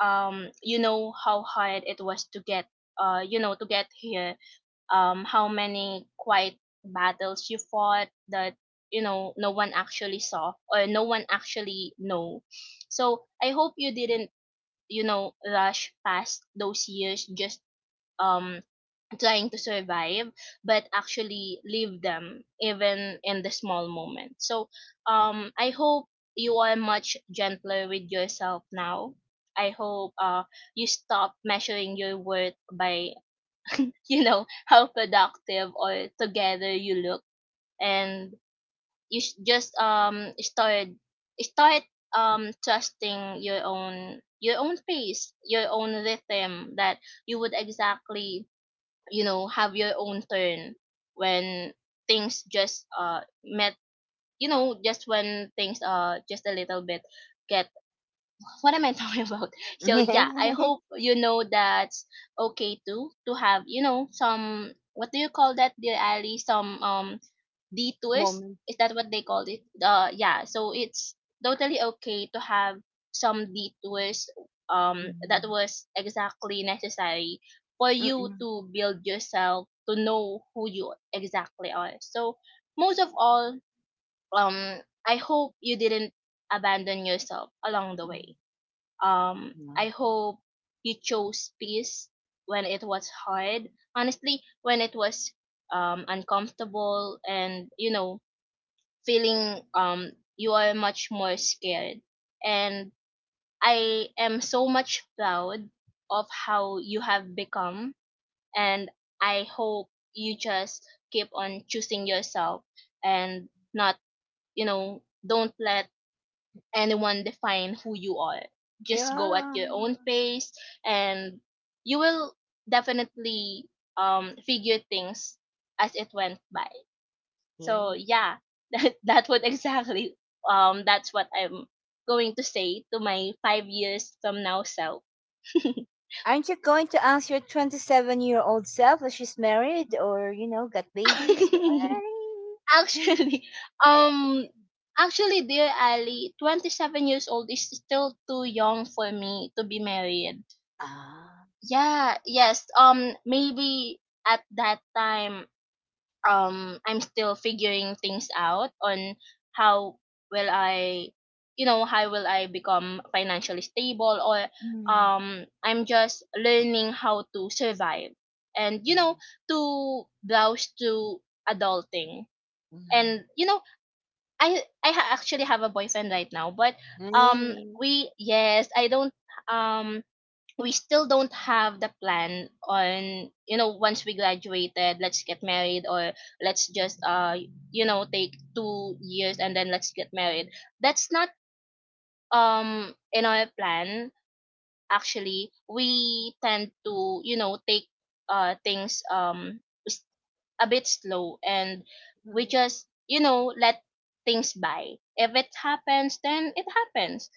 B: um you know how hard it was to get, uh you know to get here. Um, how many quiet battles you fought that, you know, no one actually saw or no one actually know. So I hope you didn't, you know, rush past those years just um trying to survive, but actually live them even in the small moment. So um I hope you are much gentler with yourself now. I hope uh you stop measuring your worth by, you know, how productive or together you look, and you s- just um start start um trusting your own, your own pace, your own rhythm, that you would exactly, you know, have your own turn when things just uh met you know, just when things uh just a little bit get, what am I talking about. So yeah, I hope, you know, that's okay too, to have, you know, some, what do you call that, dear Ali, some um detours.
A: Moment.
B: Is that what they called it? Uh, yeah. So it's totally okay to have some detours. Um, that
A: Mhm.
B: was exactly necessary for you
A: Mm-mm.
B: to build yourself, to know who you exactly are. So most of all, um, I hope you didn't abandon yourself along the
A: Mhm.
B: way. Um, I hope you chose peace when it was hard. Honestly, when it was um uncomfortable and, you know, feeling um you are much more scared. And I am so much proud of how you have become, and I hope you just keep on choosing yourself, and not, you know, don't let anyone define who you are. Just go at
A: Yeah.
B: your own pace, and you will definitely um figure things as it went by. So
A: Yeah.
B: yeah, that that would exactly um that's what I'm going to say to my five years from now self.
A: Aren't you going to ask your twenty-seven year old self if she's married or, you know, got babies? ああ、うん、うん、ない、なに、うん、yay!
B: actually, um, actually, dear Ali, twenty seven years old is still too young for me to be married.
A: Ah,
B: Yeah, yes. Um, maybe at that time um I'm still figuring things out on how will I, you know how will I become financially stable, or
A: Mm.
B: um I'm just learning how to survive and, you know,
A: Mm.
B: to browse to adulting. And,
A: Nice.
B: you know, I I ha- actually have a boyfriend right now, but um
A: Mm.
B: we, yes, I don't um we still don't have the plan on, you know, once we graduated let's get married, or let's just uh you know, take two years and then let's get married. That's not um in our plan. Actually we tend to, you know, take uh things, um s- a bit slow, and we just, you know, let things by. If it happens then it happens,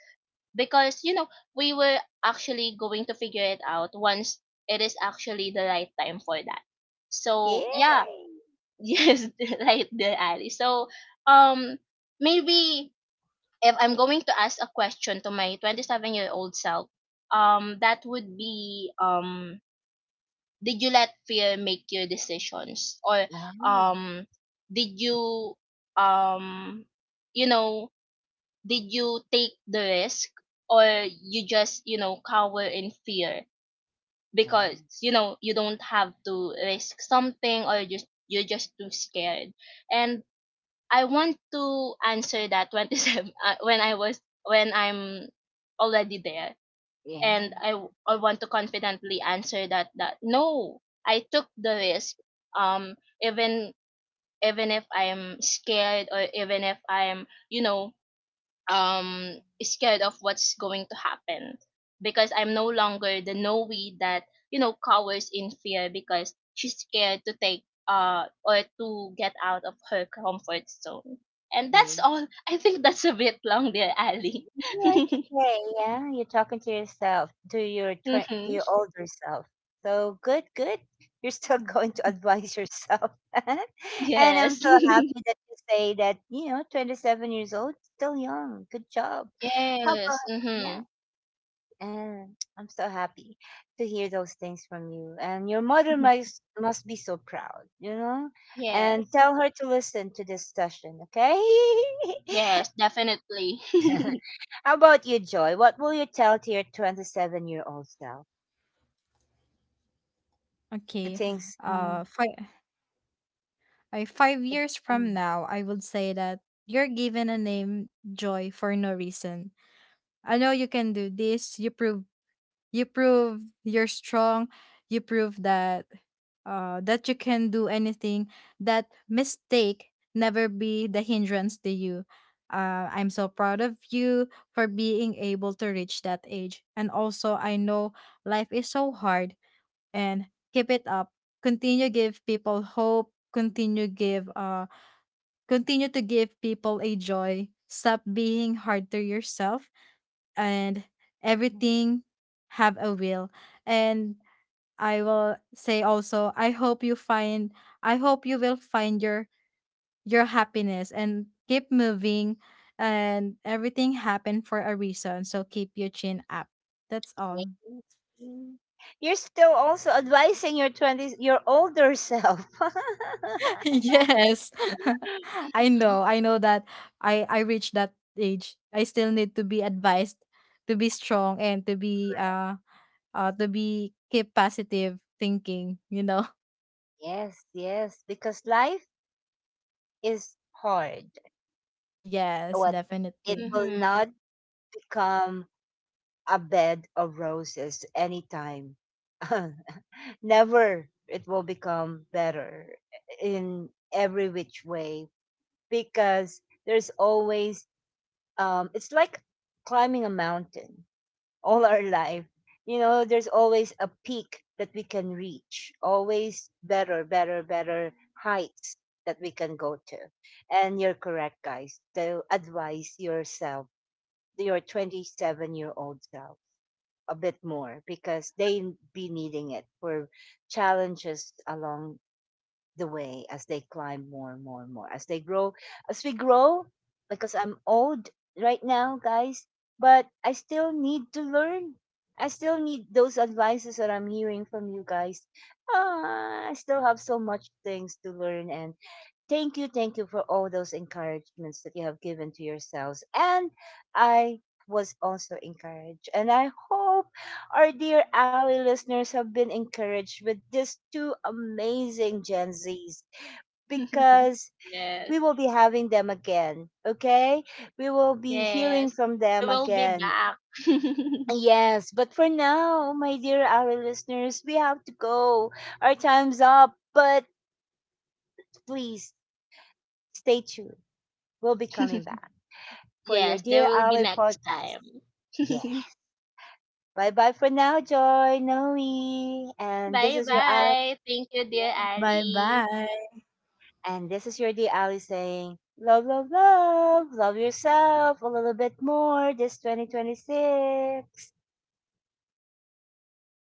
B: because, you know, we were actually going to figure it out once it is actually the right time for that. So yeah.
A: Yay.
B: Yes, right there, Ali. So um maybe if I'm going to ask a question to my twenty-seven year old self, um that would be, um did you let fear make your decisions, or
A: Wow.
B: um did you um you know, did you take the risk, or you just, you know, cower in fear
A: Oh,
B: because, you know, you don't have to risk something, or just you're just too scared. And I want to answer that twenty-seven, uh, when i was when I'm already there. And
A: yeah,
B: i w- I want to confidently answer that, that no, I took the risk um even, even if I'm scared, or even if I'm, you know um scared of what's going to happen, because I'm no longer the Noe that, you know, cowers in fear because she's scared to take uh or to get out of her comfort zone. And
A: yeah.
B: that's all. I think that's a bit long there, Ali.
A: Yeah, it's okay, yeah, you're talking to yourself, to your twen to
B: Hmm.
A: your older self. So good, good. You're still going to advise yourself. And I'm
B: Yes.
A: so happy that you say that, you know, twenty-seven years old, still young. Good job. How about?
B: Yes.
A: Yeah.
B: Hmm.
A: And I'm so happy to hear those things from you. And your mother must must be so proud, you know? And
B: Yes.
A: tell her to listen to this session, okay?
B: Yes, definitely.
A: How about you, Joy? What will you tell to your twenty-seven year old self? What are the
C: Okay.
A: things?
C: Uh
A: Mm,
C: five I
A: go
C: five
A: ahead.
C: years from
A: Mm.
C: now I would say that you're given a name Joy for no reason. I know you can do this. You prove you prove you're strong, you prove that uh, that you can do anything, that mistake never be the hindrance to you. uh, I'm so proud of you for being able to reach that age, and also I know life is so hard, and keep it up, continue give people hope, continue give uh continue to give people a joy. Stop being hard to yourself, and everything have a will. And I will say also, I hope you find, I hope you will find your your happiness and keep moving, and everything happened for a reason. So keep your chin up. That's all.
A: Mm. You're still also advising your twenties, your older self.
C: yes. I know. I know that I I reached that age. I still need to be advised to be strong and to be uh uh to be keep positive thinking. You know.
A: Yes, yes, because life is hard.
C: Yes,
A: What? It
C: definitely.
A: will not
B: Hmm.
A: become a bed of roses anytime. Never. It will become better in every which way, because there's always, um it's like climbing a mountain all our life. You know there's always a peak that we can reach, always better, better, better heights that we can go to. And you're correct, guys, to advise yourself, your twenty-seven year old self, a bit more, because they be needing it for challenges along the way as they climb more and more and more, as they grow, as we grow. Because I'm old right now, guys. But I still need to learn. I still need those advices that I'm hearing from you guys. Ah, I still have so much things to learn. And thank you, thank you for all those encouragements that you have given to yourselves. And I was also encouraged, and I hope our dear Ally listeners have been encouraged with these two amazing Gen Zs, because we
B: Yes.
A: will be having them again. Okay? We will be hearing
B: Yes.
A: from
B: We
A: them
B: will be
A: again.
B: back.
A: Yes, but for now, my dear Ally listeners, we have to go. Our time's up, but please stay tuned. We'll be coming back for your
B: Yes, there
A: Dear
B: will be
A: Ally
B: next
A: podcast.
B: time.
A: Yeah. Bye bye for now, Joy, Noe, and this
B: Bye
A: is your Ally.
B: bye. Thank you, dear
C: Bye
B: Ali.
C: bye.
A: And this is your D Ali saying, love, love, love, love yourself a little bit more this twenty twenty-six.